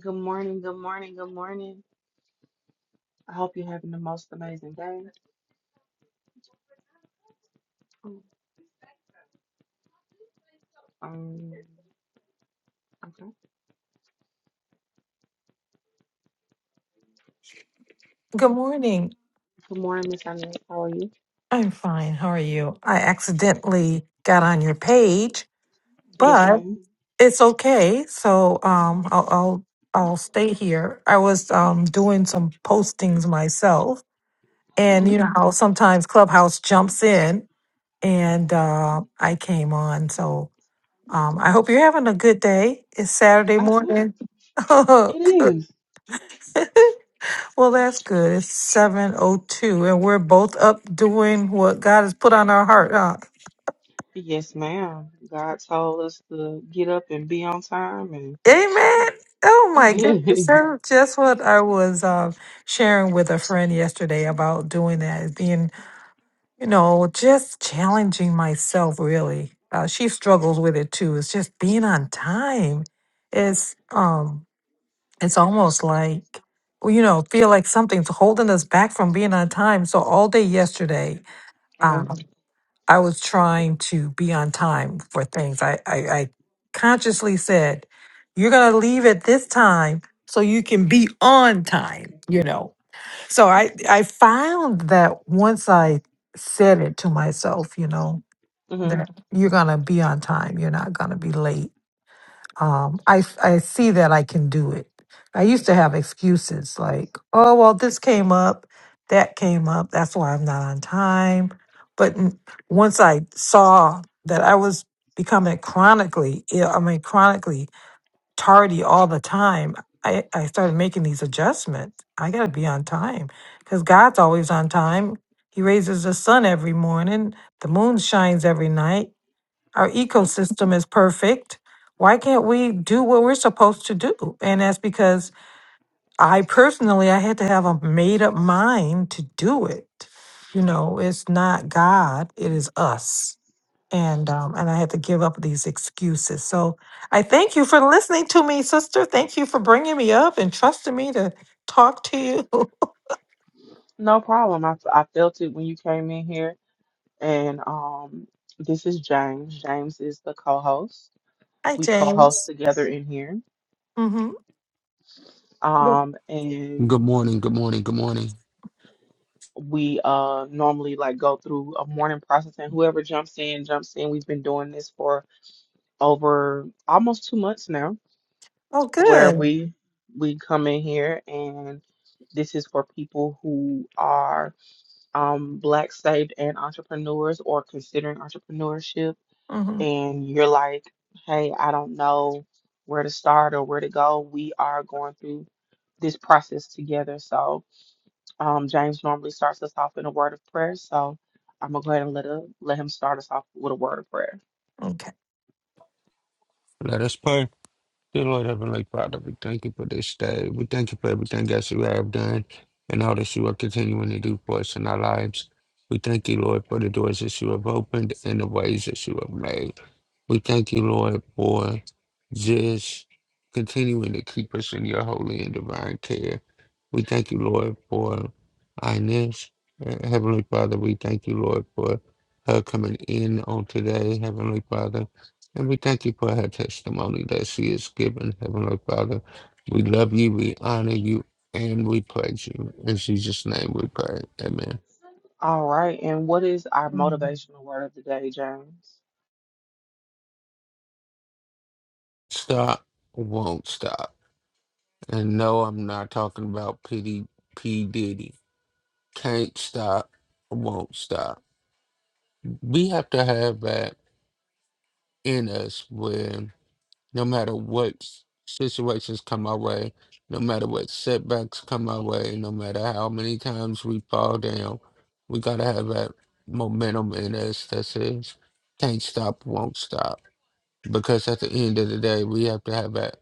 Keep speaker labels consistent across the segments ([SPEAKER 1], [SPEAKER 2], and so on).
[SPEAKER 1] Good morning, good morning, good morning. I hope you're having the most amazing day. Um, okay.
[SPEAKER 2] Good morning.
[SPEAKER 1] Good morning, Miss Annie. How are you?
[SPEAKER 2] I'm fine. How are you? I accidentally got on your page,
[SPEAKER 1] Yes,
[SPEAKER 2] but
[SPEAKER 1] madam
[SPEAKER 2] it's okay. So um, I'll, I'll I'll stay here. I was um, doing some postings myself, and you
[SPEAKER 1] Mm-hmm.
[SPEAKER 2] know how sometimes Clubhouse jumps in, and uh, I came on. So um, I hope you're having a good day. It's Saturday
[SPEAKER 1] I am.
[SPEAKER 2] morning.
[SPEAKER 1] It is.
[SPEAKER 2] well, that's good. It's seven oh two, and we're both up doing what God has put on our heart. huh?
[SPEAKER 1] Yes, ma'am. God told us to get up and be on time,
[SPEAKER 2] Amen. Oh
[SPEAKER 1] and
[SPEAKER 2] my goodness. That's just what I was um, sharing with a friend yesterday about doing that, is being, you know, just challenging myself really. Uh, she struggles with it too. It's just being on time. It's um it's almost like well, you know, feel like something's holding us back from being on time. So all day yesterday.
[SPEAKER 1] uh-huh.
[SPEAKER 2] um, I was trying to be on time for things. I, I, I consciously said, you're going to leave at this time so you can be on time, you know? So I, I found that once I said it to myself, you know,
[SPEAKER 1] hmm
[SPEAKER 2] that you're going to be on time, you're not going to be late um, I, s- I see that I can do it. I used to have excuses like, oh, well, this came up, that came up, that's why I'm not on time. But n- once I saw that I was becoming chronically ill, I mean, chronically tardy all the time, I, I started making these adjustments. I got to be on time because God's always on time. He raises the sun every morning, the moon shines every night our ecosystem is perfect. Why can't we do what we're supposed to do? And that's because I personally, I had to have a made up mind to do it. You know, it's not God, it is us and um, and I had to give up these excuses. So I thank you for listening to me, sister. Thank you for bringing me up and trusting me to talk to you.
[SPEAKER 1] No problem. I, I felt it when you came in here. And um, this is James. James is the co-host.
[SPEAKER 2] Hi,
[SPEAKER 1] We co-host
[SPEAKER 2] James.
[SPEAKER 1] together in here.
[SPEAKER 2] Mm-hmm.
[SPEAKER 1] Um, and
[SPEAKER 3] Good morning, good morning, good morning.
[SPEAKER 1] we uh normally like go through a morning process and whoever jumps in jumps in we've been doing this for over almost two months now
[SPEAKER 2] Oh,
[SPEAKER 1] where
[SPEAKER 2] good.
[SPEAKER 1] we we come in here and this is for people who are um black saved and entrepreneurs or considering entrepreneurship
[SPEAKER 2] Mm-hmm.
[SPEAKER 1] and you're like hey i don't know where to start or where to go we are going through this process together so um, James normally starts us off in a word of prayer, so I'm gonna go ahead and let a, let him start us off with a word of prayer.
[SPEAKER 2] Okay.
[SPEAKER 3] Let us pray. Dear Lord Heavenly Father, we thank you for this day. We thank you for everything that you have done and all that you are continuing to do for us in our lives. We thank you, Lord, for the doors that you have opened and the ways that you have made. We thank you, Lord, for just continuing to keep us in your holy and divine care. We thank you, Lord, for Inez. Uh, Heavenly Father, we thank you, Lord, for her coming in on today, Heavenly Father. And we thank you for her testimony that she is given. Heavenly Father. We love you, we honor you, and we praise you. In Jesus' name we pray. Amen.
[SPEAKER 1] All right, and what is our
[SPEAKER 2] Mhm.
[SPEAKER 1] motivational word of the day, James?
[SPEAKER 3] Stop won't stop. And no, I'm not talking about PD, P. Diddy. Can't stop, won't stop. We have to have that in us where no matter what s- situations come our way, no matter what setbacks come our way, no matter how many times we fall down, we gotta have that momentum in us that says, can't stop, won't stop. Because at the end of the day, we have to have that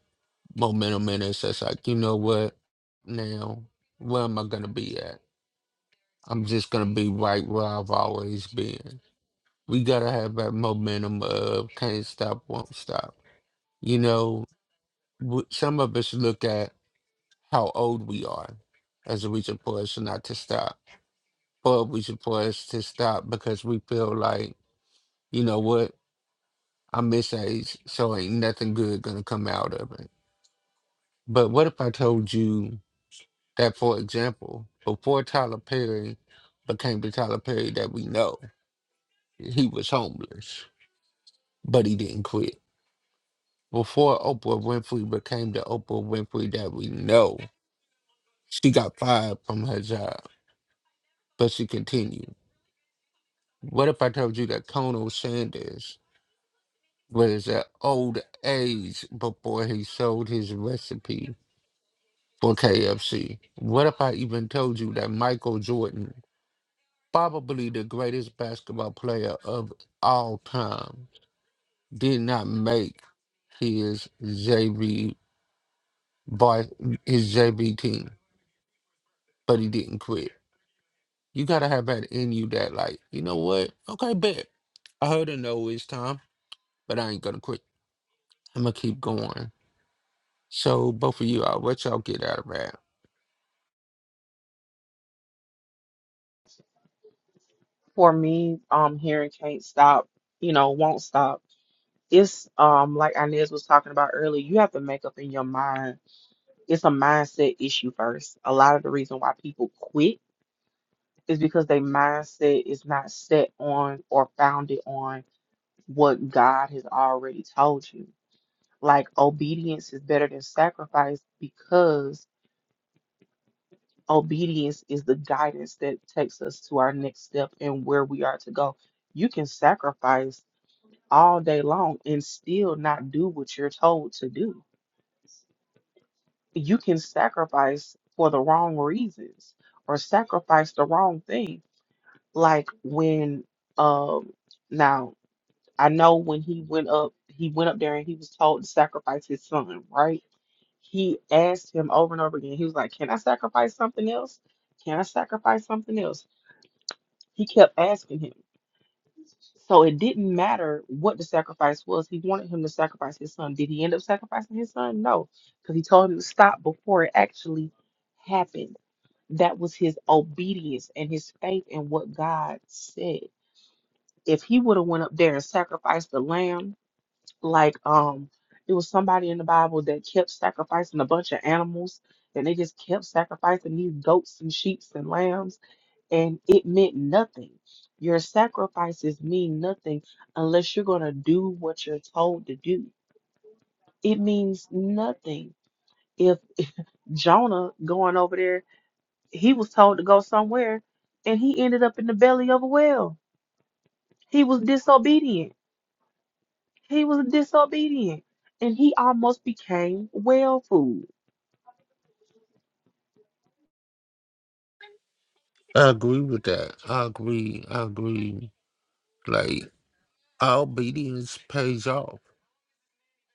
[SPEAKER 3] momentum in us that's like, you know what, now, where am I gonna be at? I'm just gonna be right where I've always been. We gotta have that momentum of can't stop, won't stop. You know, w- some of us look at how old we are as a reason for us not to stop, or a reason for us to stop because we feel like, you know what, I'm this age, so ain't nothing good gonna come out of it. But what if I told you that, for example, before Tyler Perry became the Tyler Perry that we know, he was homeless, but he didn't quit. Before Oprah Winfrey became the Oprah Winfrey that we know, she got fired from her job but she continued. What if I told you that Colonel Sanders was at old age before he sold his recipe for KFC? What if I even told you that Michael Jordan, probably the greatest basketball player of all time, did not make his JV bar, his JV team, but he didn't quit? You gotta have that in you that like, you know what? Okay, bet. I heard a no it's time, but I ain't gonna quit. I'm gonna keep going. So both of you, all what y'all get out of that?
[SPEAKER 1] For me, um, hearing can't stop, you know, won't stop. It's um like Inez was talking about earlier, you have to make up in your mind. It's a mindset issue first. A lot of the reason why people quit is because their mindset is not set on or founded on what God has already told you. Like obedience is better than sacrifice because obedience is the guidance that takes us to our next step and where we are to go. You can sacrifice all day long and still not do what you're told to do. You can sacrifice for the wrong reasons or sacrifice the wrong thing. Like when um now I know when he went up, he went up there and he was told to sacrifice his son, right? He asked him over and over again. He was like, Can I sacrifice something else? Can I sacrifice something else? He kept asking him. So it didn't matter what the sacrifice was. He wanted him to sacrifice his son. Did he end up sacrificing his son? No, because he told him to stop before it actually happened. That was his obedience and his faith in what God said. If he would have went up there and sacrificed the lamb, like um it was somebody in the Bible that kept sacrificing a bunch of animals and they just kept sacrificing these goats and sheep and lambs and it meant nothing. Your sacrifices mean nothing unless you're gonna do what you're told to do. It means nothing. If, if Jonah going over there, he was told to go somewhere and he ended up in the belly of a whale. He was disobedient. He was disobedient and he almost became whale food
[SPEAKER 3] I agree with that. I agree. I agree. Like our obedience pays off.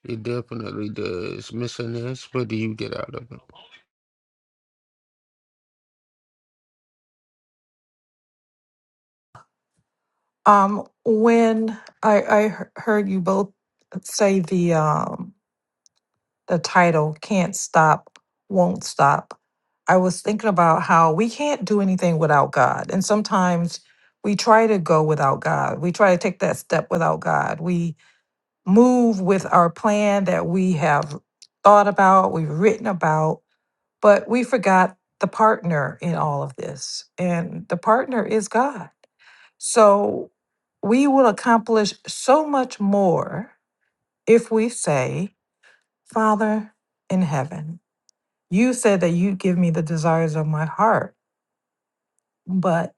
[SPEAKER 3] It definitely does. Miss Inez, what do you get out of it?
[SPEAKER 2] Um, when I I he- heard you both say the um the title Can't Stop, Won't Stop, I was thinking about how we can't do anything without God. And sometimes we try to go without God. We try to take that step without God. We move with our plan that we have thought about, we've written about, but we forgot the partner in all of this. And the partner is God. So we will accomplish so much more if we say, Father in heaven. You said that you give me the desires of my heart, but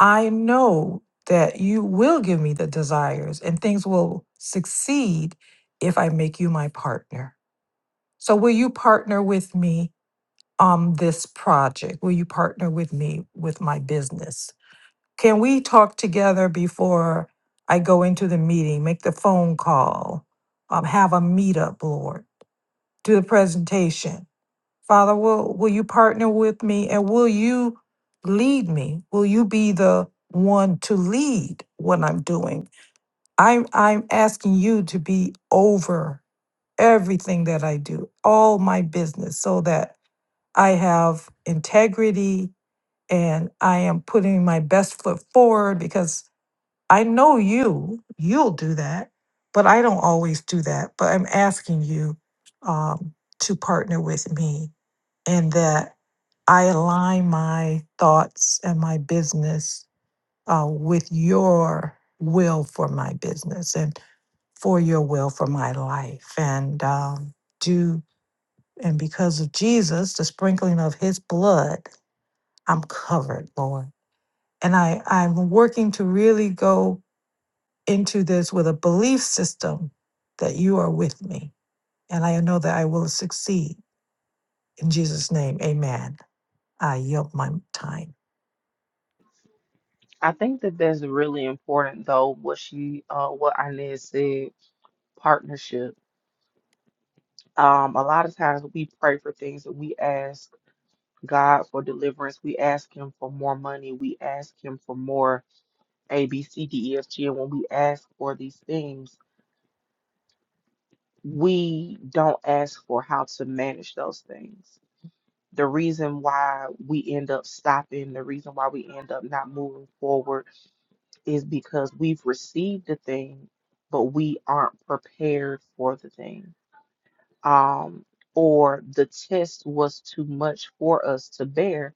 [SPEAKER 2] I know that you will give me the desires and things will succeed if I make you my partner. So, will you partner with me on this project? Will you partner with me with my business? Can we talk together before I go into the meeting, make the phone call, um, have a meetup, Lord, do the presentation? Father, will, will you partner with me and will you lead me? Will you be the one to lead what I'm doing? I'm, I'm asking you to be over everything that I do, all my business, so that I have integrity and I am putting my best foot forward because I know you, you'll do that, but I don't always do that. But I'm asking you um, to partner with me in that I align my thoughts and my business uh, with your will for my business and for your will for my life. And um, do, and because of Jesus, the sprinkling of his blood, I'm covered, Lord. And I, I'm working to really go into this with a belief system that you are with me and I know that I will succeed. In Jesus' name, amen. I yield my time.
[SPEAKER 1] I think that that's really important, though, what she, uh, what Inez said, partnership. Um, a lot of times we pray for things that we ask God for deliverance. We ask Him for more money. We ask Him for more A, B, C, D, E, F, G. And when we ask for these things, we don't ask for how to manage those things. The reason why we end up stopping, the reason why we end up not moving forward is because we've received the thing, but we aren't prepared for the thing. Um, or the test was too much for us to bear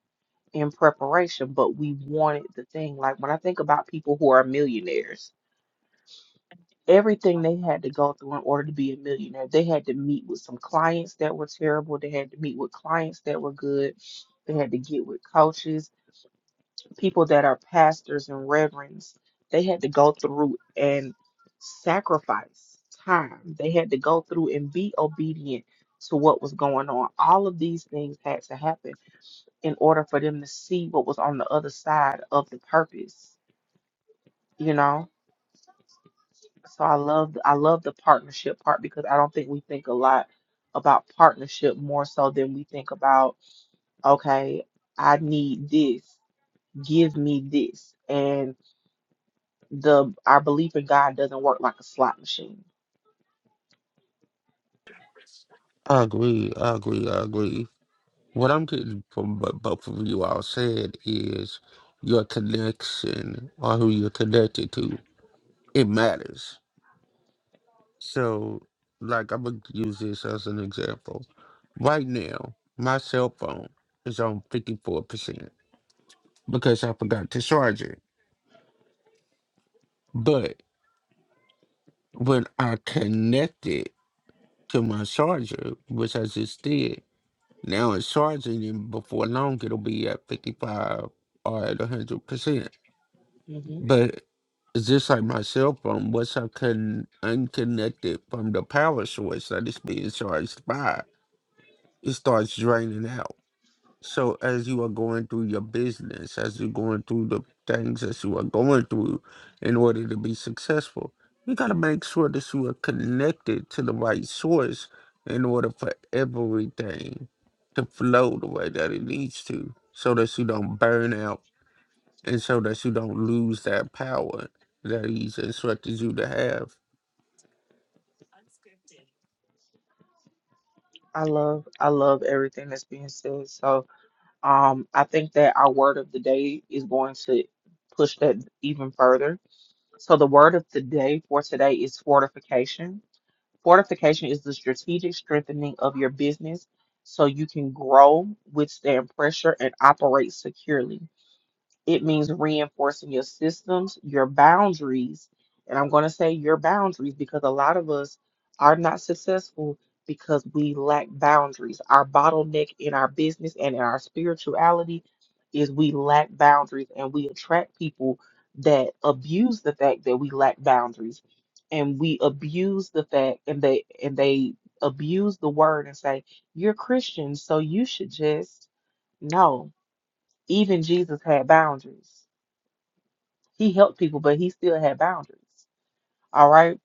[SPEAKER 1] in preparation, but we wanted the thing. Like when I think about people who are millionaires, everything they had to go through in order to be a millionaire, they had to meet with some clients that were terrible, they had to meet with clients that were good, they had to get with coaches people that are pastors and reverends, they had to go through and sacrifice time. They had to go through and be obedient to what was going on. All of these things had to happen in order for them to see what was on the other side of the purpose, you know? So I love I love the partnership part because I don't think we think a lot about partnership more so than we think about okay, I need this, give me this. and the our belief in God doesn't work like a slot machine.
[SPEAKER 3] I agree. I agree. I agree. What I'm getting from what both of you all said is your connection or who you're connected to. It matters. So, like, I'm gonna use this as an example. Right now, my cell phone is on 54%. because I forgot to charge it. But when I connect it to my charger, which I just did, now it's charging and before long it'll be at 55 or at 100%.
[SPEAKER 1] hmm
[SPEAKER 3] But it's just like my cell phone, once I can unconnect it from the power source that it's being charged by, it starts draining out. So as you are going through your business, as you're going through the things that you are going through in order to be successful, you gotta make sure that you are connected to the right source in order for everything to flow the way that it needs to, so that you don't burn out and so that you don't lose that power that he's instructed you to have.
[SPEAKER 1] I love I love everything that's being said. So um, I think that our word of the day is going to push that even further. So the word of the day for today is fortification. Fortification is the strategic strengthening of your business so you can grow, withstand pressure, and operate securely. It means reinforcing your systems, your boundaries. And I'm going to say your boundaries because a lot of us are not successful because we lack boundaries. Our bottleneck in our business and in our spirituality is we lack boundaries and we attract people that abuse the fact that we lack boundaries and we abuse the fact and they and they abuse the word and say you're Christian so you should just no even Jesus had boundaries. He helped people, but he still had boundaries. All right.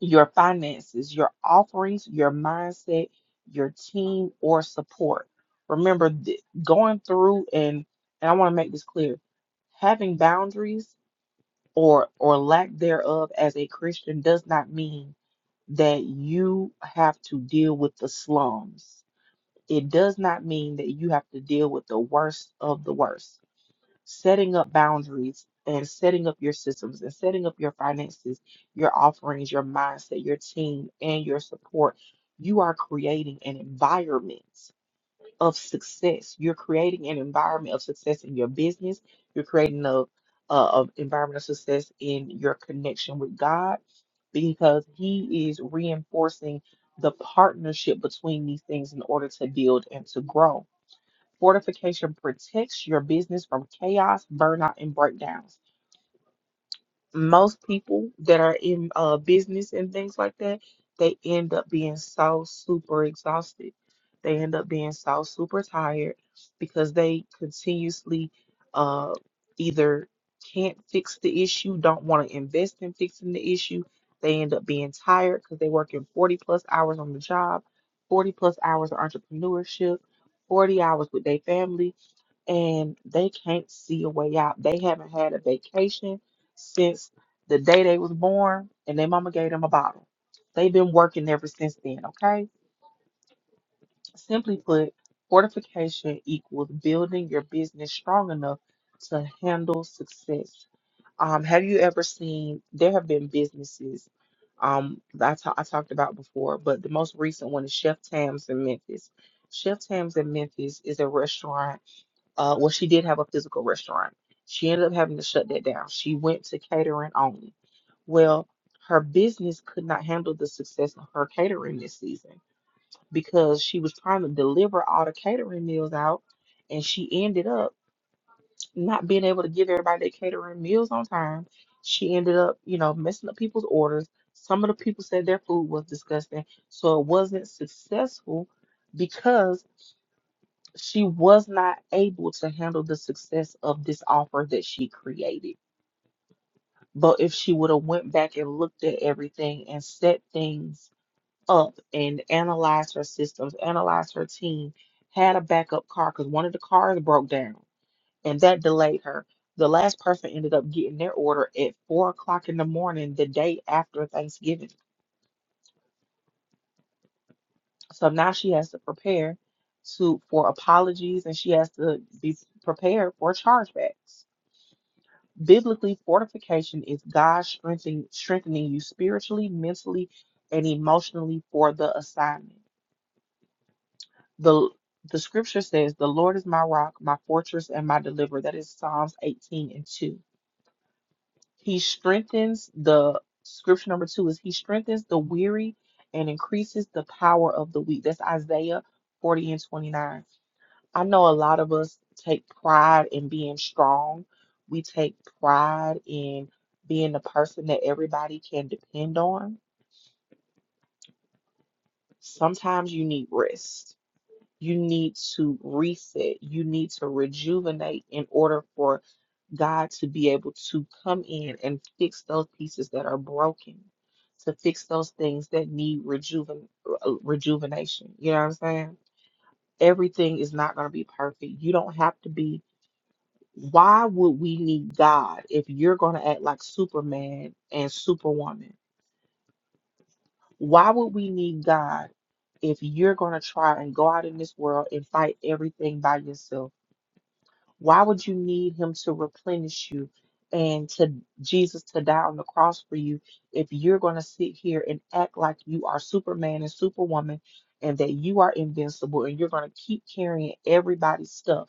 [SPEAKER 1] Your finances, your offerings, your mindset, your team or support. Remember, th- going through and and I want to make this clear having boundaries or or lack thereof as a Christian does not mean that you have to deal with the slums. It does not mean that you have to deal with the worst of the worst setting up boundaries and setting up your systems and setting up your finances, your offerings, your mindset, your team, and your support, you are creating an environment of success. You're creating an environment of success in your business. You're creating a, a, a environment of success in your connection with God because He is reinforcing the partnership between these things in order to build and to grow. Fortification protects your business from chaos, burnout, and breakdowns. Most people that are in uh, business and things like that, they end up being so super exhausted. They end up being so super tired because they continuously uh, either can't fix the issue, don't want to invest in fixing the issue. They end up being tired because they work in 40 plus hours on the job, 40 plus hours of entrepreneurship, 40 hours with their family and they can't see a way out. They haven't had a vacation since the day they was born, and their mama gave them a bottle. They've been working ever since then, okay? Simply put, fortification equals building your business strong enough to handle success. Um, have you ever seen, there have been businesses um, that I, ta- I talked about before, but the most recent one is Chef Tam's in Memphis. Chef Tam's in Memphis is a restaurant uh, well, she did have a physical restaurant. She ended up having to shut that down. She went to catering only. Well, her business could not handle the success of her catering this season because she was trying to deliver all the catering meals out, and she ended up not being able to give everybody their catering meals on time. She ended up, you know, messing up people's orders. Some of the people said their food was disgusting, so it wasn't successful because she was not able to handle the success of this offer that she created but if she would have went back and looked at everything and set things up and analyzed her systems analyzed her team had a backup car because one of the cars broke down and that delayed her the last person ended up getting their order at four o'clock in the morning the day after thanksgiving so now she has to prepare to for apologies and she has to be prepared for chargebacks Biblically, fortification is God strengthening, strengthening you spiritually, mentally, and emotionally for the assignment. The, the scripture says, The Lord is my rock, my fortress, and my deliverer. That is Psalms 18 and 2. He strengthens the scripture number two is He strengthens the weary and increases the power of the weak. That's Isaiah 40 and 29. I know a lot of us take pride in being strong. We take pride in being the person that everybody can depend on. Sometimes you need rest. You need to reset. You need to rejuvenate in order for God to be able to come in and fix those pieces that are broken, to fix those things that need rejuven uh, rejuvenation. You know what I'm saying? Everything is not going to be perfect. You don't have to be why would we need God if you're going to act like Superman and Superwoman? Why would we need God if you're going to try and go out in this world and fight everything by yourself? Why would you need him to replenish you and to Jesus to die on the cross for you if you're going to sit here and act like you are Superman and Superwoman and that you are invincible and you're going to keep carrying everybody's stuff?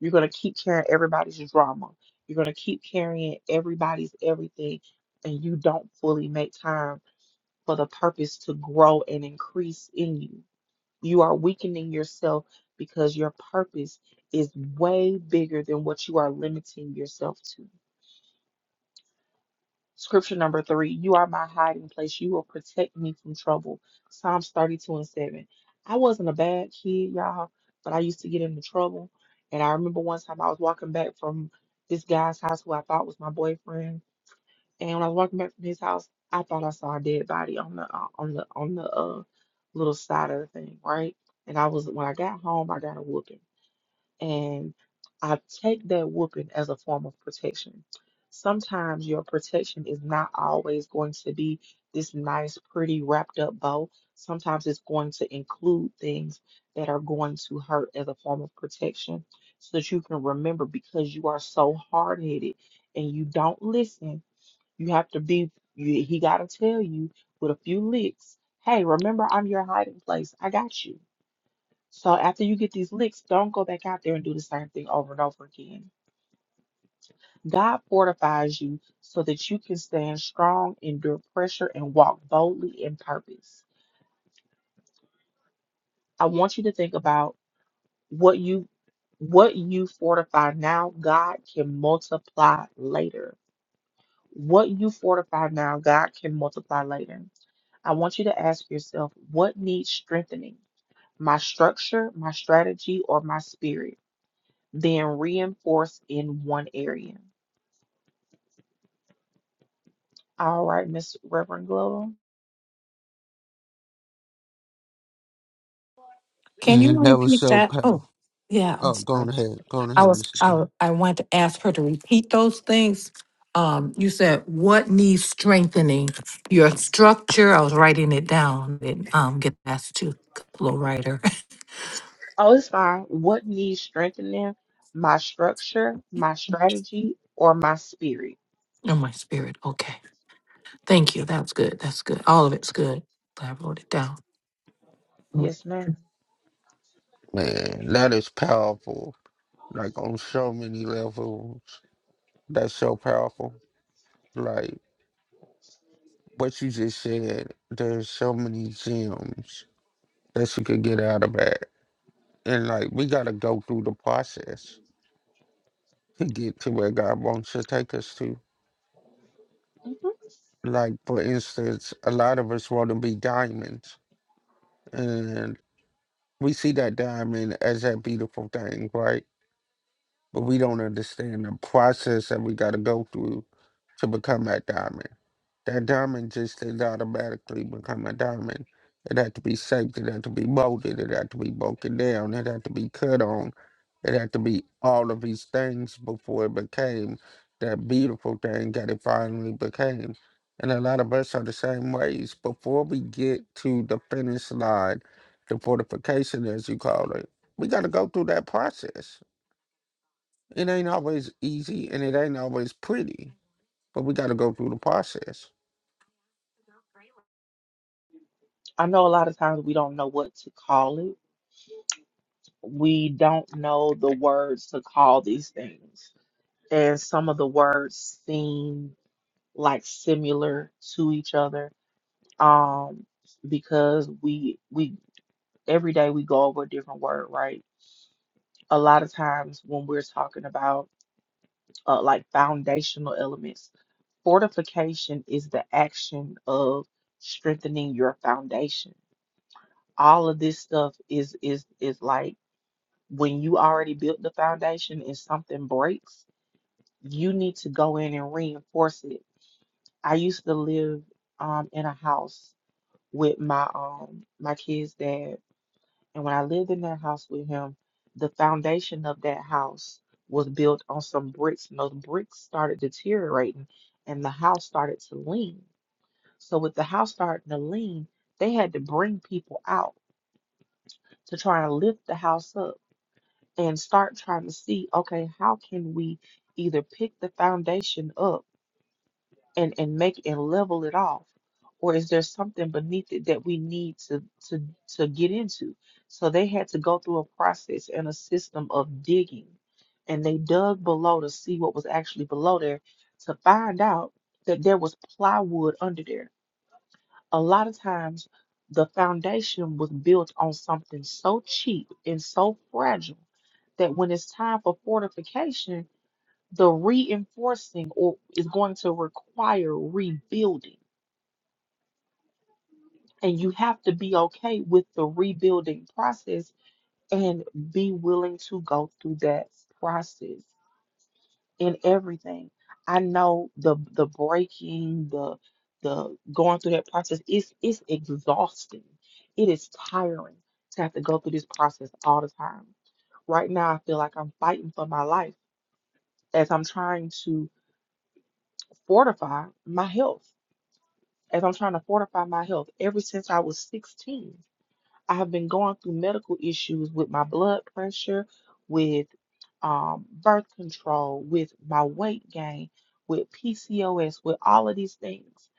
[SPEAKER 1] You're going to keep carrying everybody's drama. You're going to keep carrying everybody's everything, and you don't fully make time for the purpose to grow and increase in you. You are weakening yourself because your purpose is way bigger than what you are limiting yourself to. Scripture number three, you are my hiding place. You will protect me from trouble. Psalms 32 and 7. I wasn't a bad kid, y'all, but I used to get into trouble. And I remember one time I was walking back from this guy's house who I thought was my boyfriend. And when I was walking back from his house, I thought I saw a dead body on the uh, on the on the uh little side of the thing, right? And I was when I got home, I got a whooping. And I take that whooping as a form of protection. Sometimes your protection is not always going to be this nice, pretty, wrapped up bow. Sometimes it's going to include things that are going to hurt as a form of protection so that you can remember because you are so hard headed and you don't listen. You have to be, you, he got to tell you with a few licks, hey, remember I'm your hiding place. I got you so after you get these licks, don't go back out there and do the same thing over and over again. God fortifies you so that you can stand strong, endure pressure, and walk boldly in purpose. I want you to think about what you what you fortify now, God can multiply later. What you fortify now, God can multiply later. I want you to ask yourself, what needs strengthening? My structure, my strategy, or my spirit? than reinforced in one area. All right, Miss Reverend Glover.
[SPEAKER 2] Can you
[SPEAKER 3] And that was
[SPEAKER 2] repeat
[SPEAKER 3] so
[SPEAKER 2] that? Oh,
[SPEAKER 3] powerful.
[SPEAKER 2] yeah, I'm
[SPEAKER 3] Oh, go
[SPEAKER 2] sorry.
[SPEAKER 3] on ahead. Go on
[SPEAKER 2] I
[SPEAKER 3] ahead,
[SPEAKER 2] was
[SPEAKER 3] Mr.
[SPEAKER 2] I, wa- I wanted to ask her to repeat those things. Um, you said what needs strengthening? Your structure. I was writing it down. And um, get asked to little writer
[SPEAKER 1] Oh, it's fine. What needs strengthening? My structure, my strategy, or my spirit?
[SPEAKER 2] in my spirit. Okay, thank you. That's good. That's good. All of it's good. I wrote it down.
[SPEAKER 1] Yes, madam
[SPEAKER 3] Man, that is powerful. like on so many levels. That's so powerful. Like what you just said, there's so many gems that you could get out of that. And like we gotta go through the process to get to where God wants to take us to.
[SPEAKER 1] Mm-hmm.
[SPEAKER 3] Like for instance, a lot of us want to be diamonds, and we see that diamond as that beautiful thing, right? but we don't understand the process that we got to go through to become that diamond. That diamond just didn't automatically become a diamond. It had to be shaped, it had to be molded, it had to be broken down, it had to be cut on, it had to be all of these things before it became that beautiful thing that it finally became. And a lot of us are the same ways. Before we get to the finish line, the fortification, as you call it, we got to go through that process it ain't always easy and it ain't always pretty, but we got to go through the process.
[SPEAKER 1] I know a lot of times we don't know what to call it. We don't know the words to call these things. And some of the words seem like similar to each other. Um, because we we every day we go over a different word, right? a lot of times when we're talking about uh, like foundational elements, fortification is the action of strengthening your foundation. All of this stuff is is is like when you already built the foundation and something breaks, you need to go in and reinforce it. I used to live um in a house with my um my kids' dad And when I lived in that house with him, the foundation of that house was built on some bricks, and those bricks started deteriorating, and the house started to lean. So, with the house starting to lean, they had to bring people out to try and lift the house up and start trying to see okay, how can we either pick the foundation up? and and make and level it off or is there something beneath it that we need to to to get into so they had to go through a process and a system of digging and they dug below to see what was actually below there to find out that there was plywood under there a lot of times the foundation was built on something so cheap and so fragile that when it's time for fortification the reinforcing or is going to require rebuilding and you have to be okay with the rebuilding process and be willing to go through that process in everything i know the the breaking the the going through that process is it's exhausting it is tiring to have to go through this process all the time right now i feel like i'm fighting for my life as i'm trying to fortify my health as I'm trying to fortify my health, ever since I was 16, I have been going through medical issues with my blood pressure, with um, birth control, with my weight gain, with PCOS, with all of these things.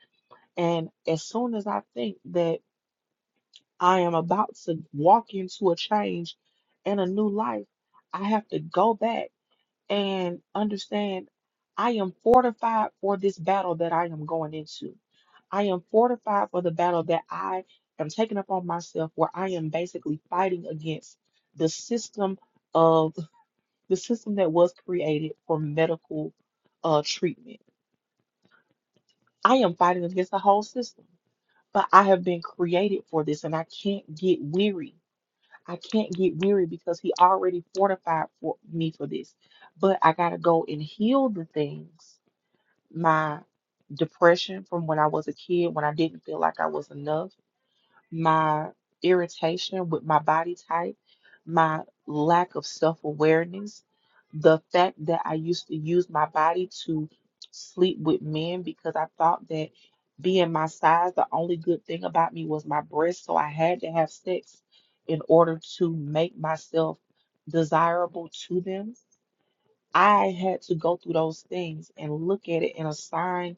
[SPEAKER 1] And as soon as I think that I am about to walk into a change and a new life, I have to go back and understand I am fortified for this battle that I am going into. I am fortified for the battle that I am taking upon myself, where I am basically fighting against the system of the system that was created for medical uh, treatment. I am fighting against the whole system, but I have been created for this, and I can't get weary. I can't get weary because He already fortified for me for this. But I gotta go and heal the things my depression from when I was a kid, when I didn't feel like I was enough, my irritation with my body type, my lack of self awareness, the fact that I used to use my body to sleep with men because I thought that being my size, the only good thing about me was my breasts. So I had to have sex in order to make myself desirable to them. I had to go through those things and look at it and assign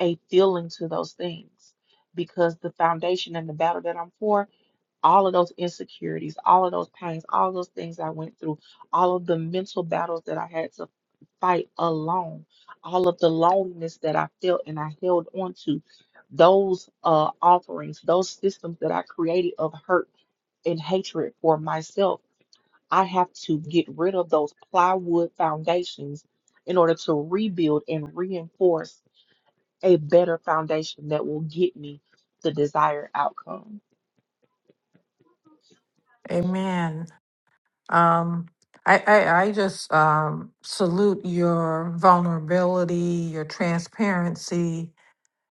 [SPEAKER 1] a feeling to those things because the foundation and the battle that I'm for, all of those insecurities, all of those pains, all of those things I went through, all of the mental battles that I had to fight alone, all of the loneliness that I felt and I held on to, those uh, offerings, those systems that I created of hurt and hatred for myself, I have to get rid of those plywood foundations in order to rebuild and reinforce a better foundation that will get me the desired outcome.
[SPEAKER 2] Amen. Um, I, I, I just um, salute your vulnerability, your transparency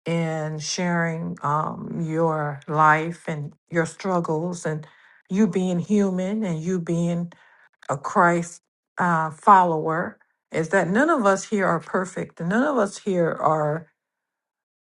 [SPEAKER 2] in sharing um, your life and your struggles, and you being human and you being a Christ uh, follower. Is that none of us here are perfect. None of us here are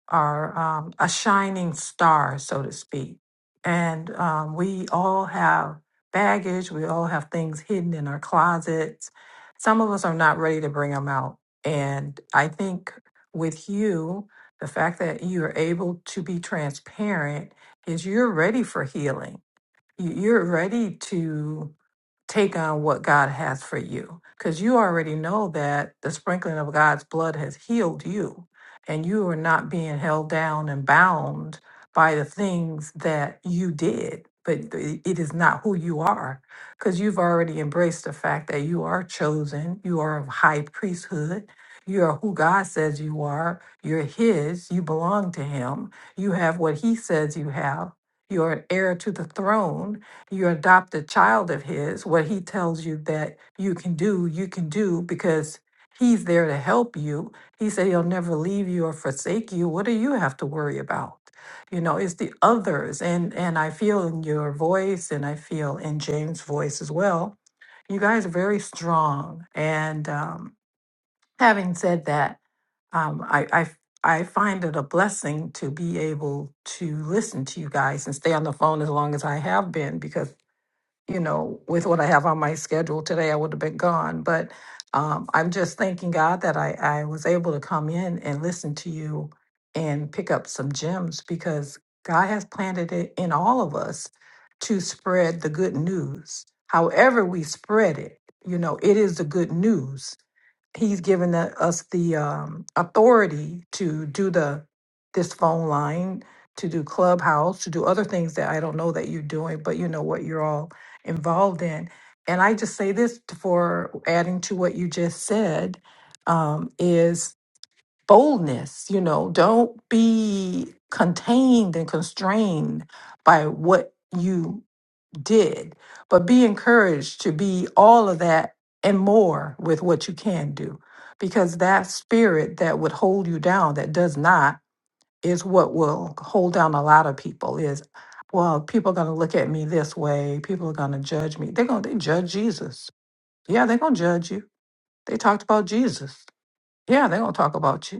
[SPEAKER 2] are um, a shining star, so to speak. And um, we all have baggage, we all have things hidden in our closets. Some of us are not ready to bring them out. And I think with you, the fact that you're able to be transparent is you're ready for healing. You- You're ready to take on what God has for you. Because you already know that the sprinkling of God's blood has healed you, and you are not being held down and bound by the things that you did. But th- it is not who you are, because you've already embraced the fact that you are chosen, you are of high priesthood, you are who God says you are, you're His, you belong to Him, you have what He says you have, you're an heir to the throne, your adopted child of his, what he tells you that you can do, you can do because he's there to help you. He said he'll never leave you or forsake you. What do you have to worry about? You know, it's the others. And and I feel in your voice and I feel in James' voice as well. You guys are very strong. And um, having said that, um, I, I f- I find it a blessing to be able to listen to you guys and stay on the phone as long as I have been because you know, with what I have on my schedule today, I would have been gone. But um, I'm just thanking God that I, I was able to come in and listen to you and pick up some gems because God has planted it in all of us to spread the good news. However, we spread it, you know, it is the good news. He's given the- us the um, authority to do the this phone line, to do Clubhouse, to do other things that I don't know that you're doing, but you know what you're all involved in. And I just say this for adding to what you just said um, is boldness. You know, don't be contained and constrained by what you did, but be encouraged to be all of that and more with what you can do. Because that spirit that would hold you down, that does not is what will hold down a lot of people is well people are going to look at me this way people are going to judge me they're going to they judge jesus yeah they're going to judge you they talked about jesus yeah they're going to talk about you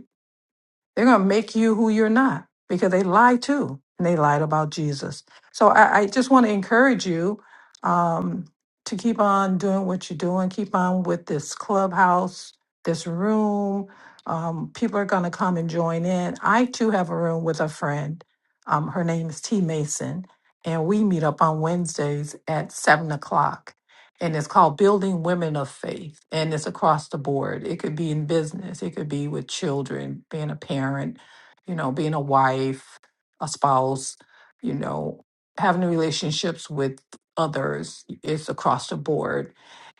[SPEAKER 2] they're going to make you who you're not because they lie too, and they lied about Jesus. So I, I just want to encourage you um, to keep on doing what you're doing. Keep on with this clubhouse, this room. Um, people are going to come and join in. I too have a room with a friend. Um, her name is T Mason, and we meet up on Wednesdays at seven o'clock and it's called Building Women of Faith. And it's across the board. It could be in business, it could be with children, being a parent, you know, being a wife, a spouse, you know, having relationships with others. It's across the board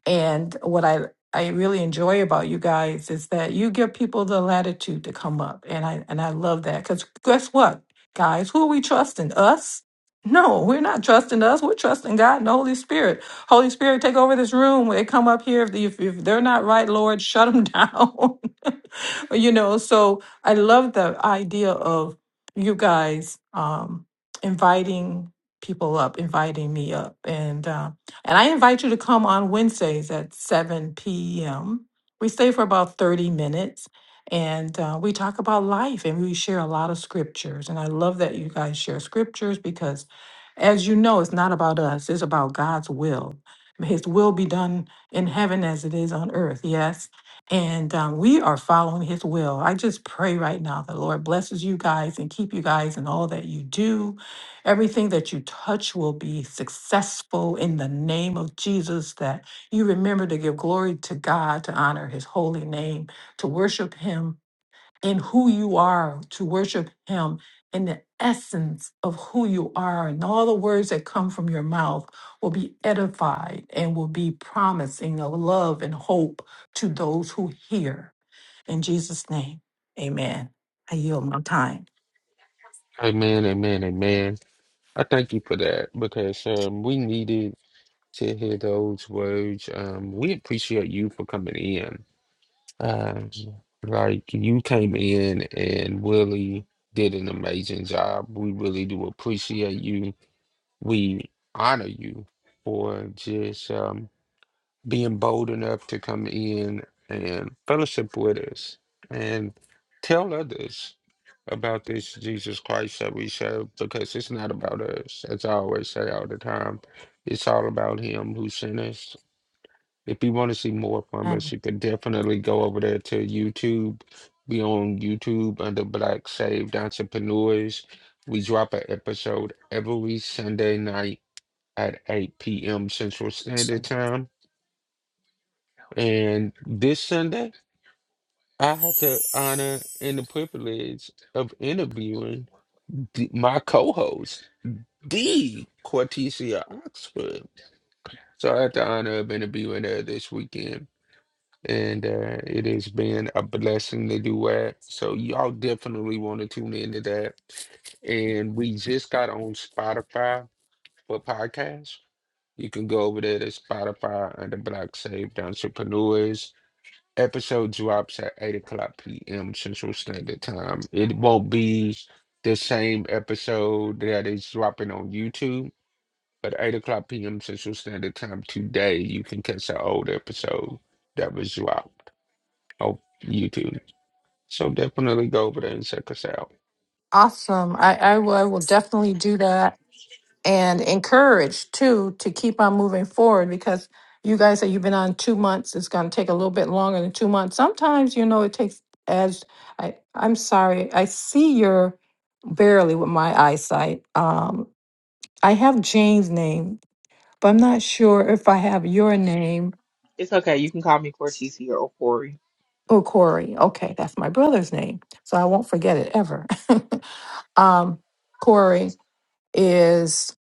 [SPEAKER 2] and what I I really enjoy about you guys is that you give people the latitude to come up, and I and I love that because guess what, guys, who are we trusting? Us? No, we're not trusting us. We're trusting God and the Holy Spirit. Holy Spirit, take over this room. When they come up here, if, the, if, if they're not right, Lord, shut them down. you know, so I love the idea of you guys um, inviting people up, inviting me up, and um, and I invite you to come on Wednesdays at 7 p.m. We stay for about 30 minutes and uh, we talk about life and we share a lot of scriptures. And I love that you guys share scriptures because, as you know, it's not about us, it's about God's will. May His will be done in heaven as it is on earth, yes? And um, we are following His will. I just pray right now that Lord blesses you guys and keep you guys in all that you do Everything that you touch will be successful in the name of Jesus. That you remember to give glory to God, to honor his holy name, to worship him in who you are, to worship him in the essence of who you are. And all the words that come from your mouth will be edified and will be promising of love and hope to those who hear. In Jesus' name, amen. I yield my time.
[SPEAKER 3] Amen, amen, amen. I thank you for that because um, we needed to hear those words. Um, we appreciate you for coming in. Um, like you came in and really did an amazing job. We really do appreciate you. We honor you for just um, being bold enough to come in and fellowship with us and tell others about this Jesus Christ that we serve because it's not about us. As I always say all the time, it's all about Him who sent us. If you want to see more from us, you can definitely go over there to YouTube. Be on YouTube under Black Saved Entrepreneurs. We drop an episode every Sunday night at 8 p.m. Central Standard Time and this Sunday, I had the honor and the privilege of interviewing the, my co-host, the Cortesia Oxford. So I had the honor of interviewing her this weekend. And uh, it has been a blessing to do that. So y'all definitely want to tune into that. And we just got on Spotify for podcasts. You can go over there to Spotify under Black Saved Entrepreneurs Episode drops at 8 o'clock p.m. Central Standard Time. It won't be the same episode that is dropping on YouTube, but 8 o'clock p.m. Central Standard Time today, you can catch the old episode that was dropped on YouTube. So definitely go over there and check us out.
[SPEAKER 2] Awesome. I, I will I will definitely do that and encourage too to keep on moving forward because you guys said you've been on two months, it's gonna take a little bit longer than two months. Sometimes, you know, it takes as I I'm sorry, I see your barely with my eyesight. Um I have Jane's name, but I'm not sure if I have your name.
[SPEAKER 1] It's okay. You can call me Cortez here or Corey.
[SPEAKER 2] Oh, Corey. Okay, that's my brother's name. So I won't forget it ever. um, Corey is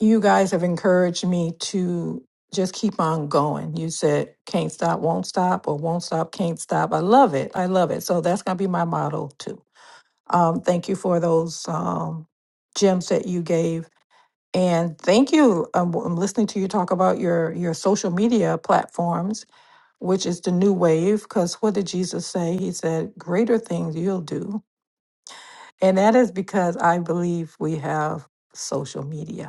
[SPEAKER 2] you guys have encouraged me to just keep on going. You said can't stop, won't stop, or won't stop, can't stop. I love it. I love it. So that's going to be my motto too. Um, thank you for those um, gems that you gave. And thank you. Um, I'm listening to you talk about your, your social media platforms, which is the new wave. Because what did Jesus say? He said, Greater things you'll do. And that is because I believe we have social media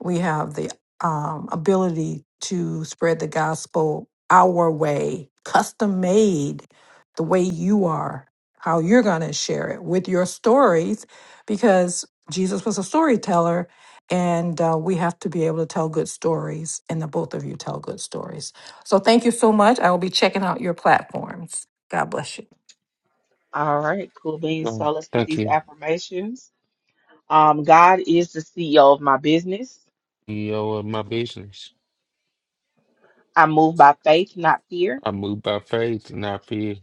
[SPEAKER 2] we have the um, ability to spread the gospel our way, custom made, the way you are, how you're going to share it with your stories, because Jesus was a storyteller. And uh, we have to be able to tell good stories, and the both of you tell good stories. So, thank you so much. I will be checking out your platforms. God bless you.
[SPEAKER 1] All right, cool beans.
[SPEAKER 3] Um,
[SPEAKER 1] So let's get
[SPEAKER 3] thank
[SPEAKER 1] these
[SPEAKER 3] you.
[SPEAKER 1] affirmations. Um, God is the CEO of my business.
[SPEAKER 3] CEO of my business.
[SPEAKER 1] I move by faith, not fear.
[SPEAKER 3] I move by faith, not fear.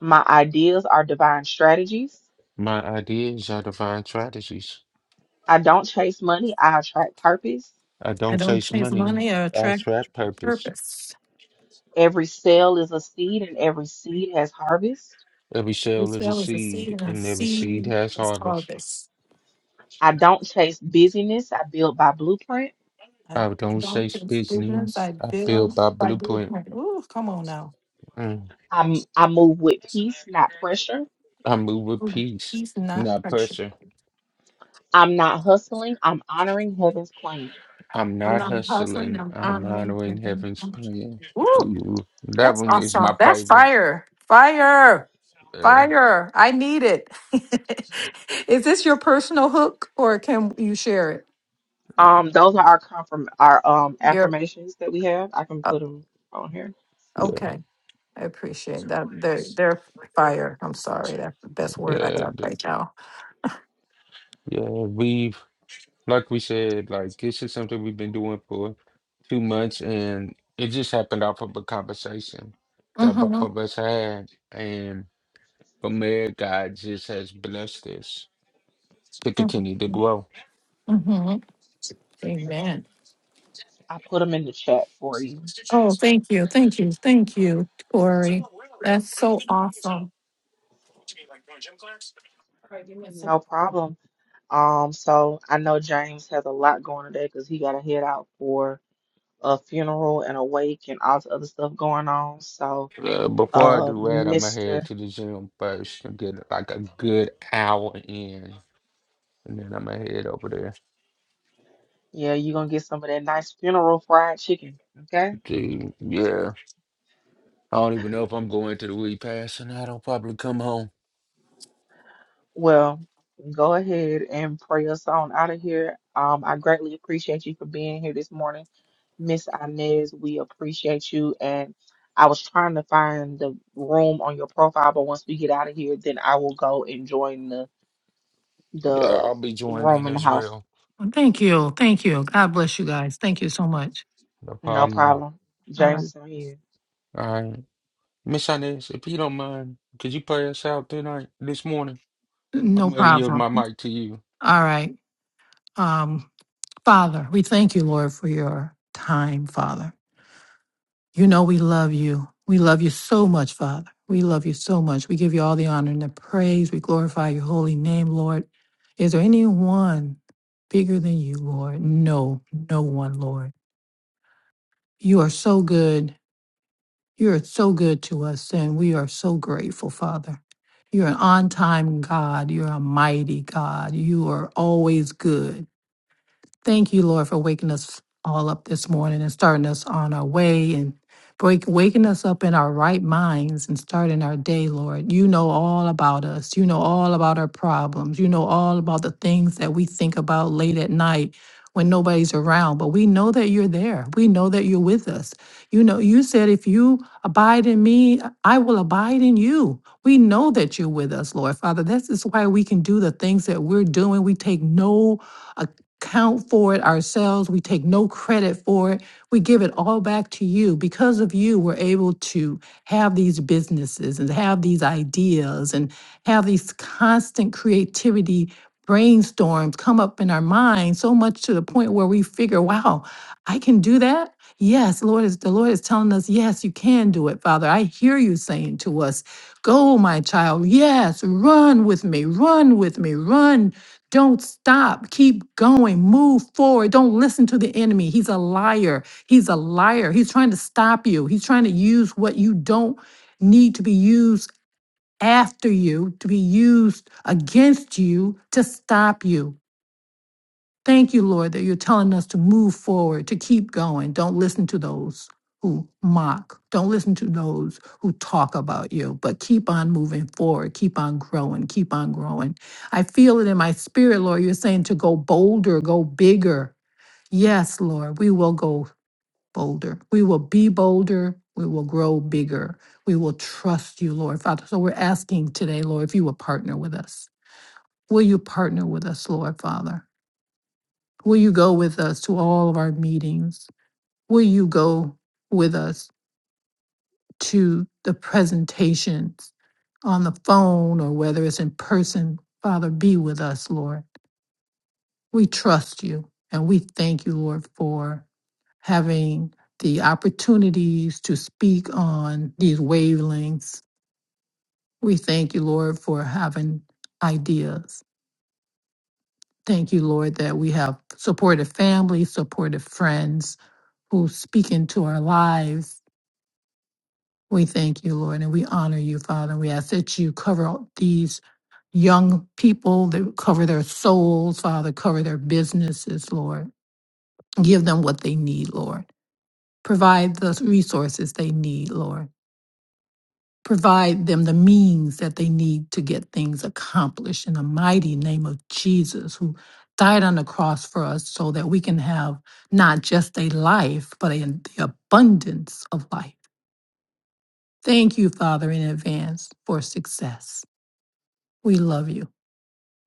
[SPEAKER 1] My ideas are divine strategies.
[SPEAKER 3] My ideas are divine strategies.
[SPEAKER 1] I don't chase money, I attract purpose.
[SPEAKER 3] I
[SPEAKER 2] I
[SPEAKER 3] don't
[SPEAKER 2] don't
[SPEAKER 3] chase
[SPEAKER 2] chase
[SPEAKER 3] money.
[SPEAKER 2] money or
[SPEAKER 3] I
[SPEAKER 2] attract
[SPEAKER 3] attract purpose.
[SPEAKER 2] purpose.
[SPEAKER 1] Every cell is a seed, and every seed has harvest.
[SPEAKER 3] Every
[SPEAKER 2] We
[SPEAKER 3] cell is a
[SPEAKER 2] sell as a seed
[SPEAKER 3] seed,
[SPEAKER 2] and a
[SPEAKER 3] and every seed
[SPEAKER 2] seed
[SPEAKER 3] has
[SPEAKER 2] is
[SPEAKER 3] harvest.
[SPEAKER 2] harvest.
[SPEAKER 1] I don't chase busyness. I build by blueprint.
[SPEAKER 2] I
[SPEAKER 3] I don't
[SPEAKER 2] don't
[SPEAKER 3] say
[SPEAKER 2] chase business.
[SPEAKER 3] business.
[SPEAKER 2] I
[SPEAKER 3] I build
[SPEAKER 2] build
[SPEAKER 3] by
[SPEAKER 2] by
[SPEAKER 3] blueprint.
[SPEAKER 2] blueprint. Ooh, come on now.
[SPEAKER 3] Mm.
[SPEAKER 1] I'm, I move with peace, not pressure.
[SPEAKER 3] I move with
[SPEAKER 2] Ooh,
[SPEAKER 3] peace,
[SPEAKER 2] he's not
[SPEAKER 3] not
[SPEAKER 2] pressure.
[SPEAKER 3] pressure.
[SPEAKER 1] I'm not hustling. I'm honoring heaven's plan.
[SPEAKER 3] I'm
[SPEAKER 2] I'm
[SPEAKER 3] not
[SPEAKER 2] not hustling.
[SPEAKER 3] hustling.
[SPEAKER 2] I'm
[SPEAKER 3] I'm
[SPEAKER 2] honoring.
[SPEAKER 3] honoring heaven's plan.
[SPEAKER 2] Ooh,
[SPEAKER 3] Ooh, that
[SPEAKER 2] That's
[SPEAKER 3] one is
[SPEAKER 2] awesome.
[SPEAKER 3] my
[SPEAKER 2] That's
[SPEAKER 3] favorite.
[SPEAKER 2] fire. Fire.
[SPEAKER 3] Yeah,
[SPEAKER 2] Fire. I need it. Is this your personal hook or can you share it?
[SPEAKER 1] Um, those
[SPEAKER 3] yeah,
[SPEAKER 1] are our confirm our um
[SPEAKER 2] Your
[SPEAKER 1] affirmations that we have. I can
[SPEAKER 2] uh,
[SPEAKER 1] put them on here.
[SPEAKER 3] yeah,
[SPEAKER 2] okay. I appreciate that. They're they're fire. I'm sorry. That's the best word I got
[SPEAKER 3] yeah.
[SPEAKER 2] right now.
[SPEAKER 3] yeah. We. like we said, like this is something we've been doing for two months, and it just happened off of a conversation that both
[SPEAKER 2] Mm-hmm.
[SPEAKER 3] of us had, and from there, God just has blessed us to continue to
[SPEAKER 2] Mm-hmm.
[SPEAKER 3] grow.
[SPEAKER 2] Mm-hmm. Amen.
[SPEAKER 1] I put them in the chat for you.
[SPEAKER 2] Oh, thank you, thank you, thank you, Corey. That's so awesome. All right, give me a second.
[SPEAKER 1] No problem. Um, so I know James has a lot going today because he got to head out for a funeral and a wake and all the other stuff going on. So
[SPEAKER 3] Uh, before I
[SPEAKER 1] uh,
[SPEAKER 3] do that, I'm gonna head
[SPEAKER 1] Mister.
[SPEAKER 3] to the gym first and get like a good hour in, and then I'm gonna head over there.
[SPEAKER 1] Yeah, you're gonna get some of that nice funeral fried chicken. Okay.
[SPEAKER 3] To, yeah, I don't even know if I'm going to the repass, and i don't probably come home.
[SPEAKER 1] Well, go ahead and pray us on out of here. Um, I greatly appreciate you for being here this morning, Miss Inez. We appreciate you. And I was trying to find the room on your profile, but once we get out of here, then I will go and join the
[SPEAKER 3] Yeah,
[SPEAKER 1] the
[SPEAKER 3] I'll be
[SPEAKER 1] room
[SPEAKER 3] joining
[SPEAKER 1] in the
[SPEAKER 3] as
[SPEAKER 1] house.
[SPEAKER 3] well.
[SPEAKER 2] Well, Thank you, thank you. God bless you guys. Thank you so much.
[SPEAKER 3] No
[SPEAKER 1] No
[SPEAKER 3] problem.
[SPEAKER 1] problem.
[SPEAKER 2] All
[SPEAKER 1] James
[SPEAKER 2] right,
[SPEAKER 1] is on you.
[SPEAKER 3] all right. Miss Inez, if you don't mind, could you play us out tonight, this morning? I'm
[SPEAKER 2] no
[SPEAKER 3] gonna yield
[SPEAKER 2] problem.
[SPEAKER 3] my mic to you.
[SPEAKER 2] All right, um, Father, we thank you, Lord, for your time, Father. You know, we love you. We love you so much, Father. We love you so much. We give you all the honor and the praise. We glorify your holy name, Lord. Is there anyone bigger than you, Lord? No, no one, Lord. You are so good. You are so good to us, and we are so grateful, Father. You're an on time God. You're a mighty God. You are always good. Thank you, Lord, for waking us all up this morning and starting us on our way and break, waking us up in our right minds and starting our day, Lord. You know all about us. You know all about our problems. You know all about the things that we think about late at night when nobody's around. But we know that you're there. We know that you're with us. You know, you said, if you abide in me, I will abide in you. We know that you're with us, Lord Father. This is why we can do the things that we're doing. We take no count for it ourselves. We take no credit for it. We give it all back to you. Because of you, we're able to have these businesses and have these ideas and have these constant creativity brainstorms come up in our mind so much to the point where we figure, wow, I can do that. Yes, Lord is the Lord is telling us, yes, you can do it, Father. I hear you saying to us, go, my child. Yes, run with me, run with me, run don't stop. Keep going. Move forward. Don't listen to the enemy. He's a liar. He's a liar. He's trying to stop you. He's trying to use what you don't need to be used after you, to be used against you to stop you. Thank you, Lord, that you're telling us to move forward, to keep going. Don't listen to those who mock. Don't listen to those who talk about you, but keep on moving forward, keep on growing, keep on growing. I feel it in my spirit, Lord. You're saying to go bolder, go bigger. Yes, Lord, we will go bolder. We will be bolder. We will grow bigger. We will trust you, Lord Father. So we're asking today, Lord, if you will partner with us. Will you partner with us, Lord Father? Will you go with us to all of our meetings? Will you go with us to the presentations on the phone or whether it's in person? Father, be with us, Lord. We trust you and we thank you, Lord, for having the opportunities to speak on these wavelengths. We thank you, Lord, for having ideas. Thank you, Lord, that we have supportive families, supportive friends who speak into our lives We thank you, Lord, and we honor you, Father. And we ask that you cover all these young people, that cover their souls, Father, cover their businesses, Lord. Give them what they need, Lord. Provide the resources they need, Lord. Provide them the means that they need to get things accomplished in the mighty name of Jesus, who died on the cross for us so that we can have not just a life, but a, the abundance of life. Thank you, Father, in advance for success. We love you.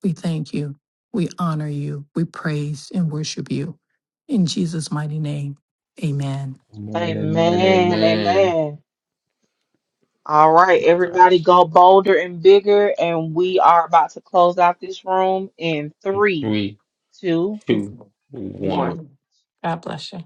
[SPEAKER 2] We thank you. We honor you. We praise and worship you. In Jesus' mighty name, amen.
[SPEAKER 3] Amen, amen,
[SPEAKER 1] Amen.
[SPEAKER 3] amen.
[SPEAKER 1] Amen. All right,
[SPEAKER 3] My
[SPEAKER 1] everybody
[SPEAKER 3] gosh.
[SPEAKER 1] go bolder and bigger, and we are about to close out this room in three,
[SPEAKER 3] Three,
[SPEAKER 1] two,
[SPEAKER 2] Yes,
[SPEAKER 3] two, one.
[SPEAKER 1] one.
[SPEAKER 2] Lord. God bless you.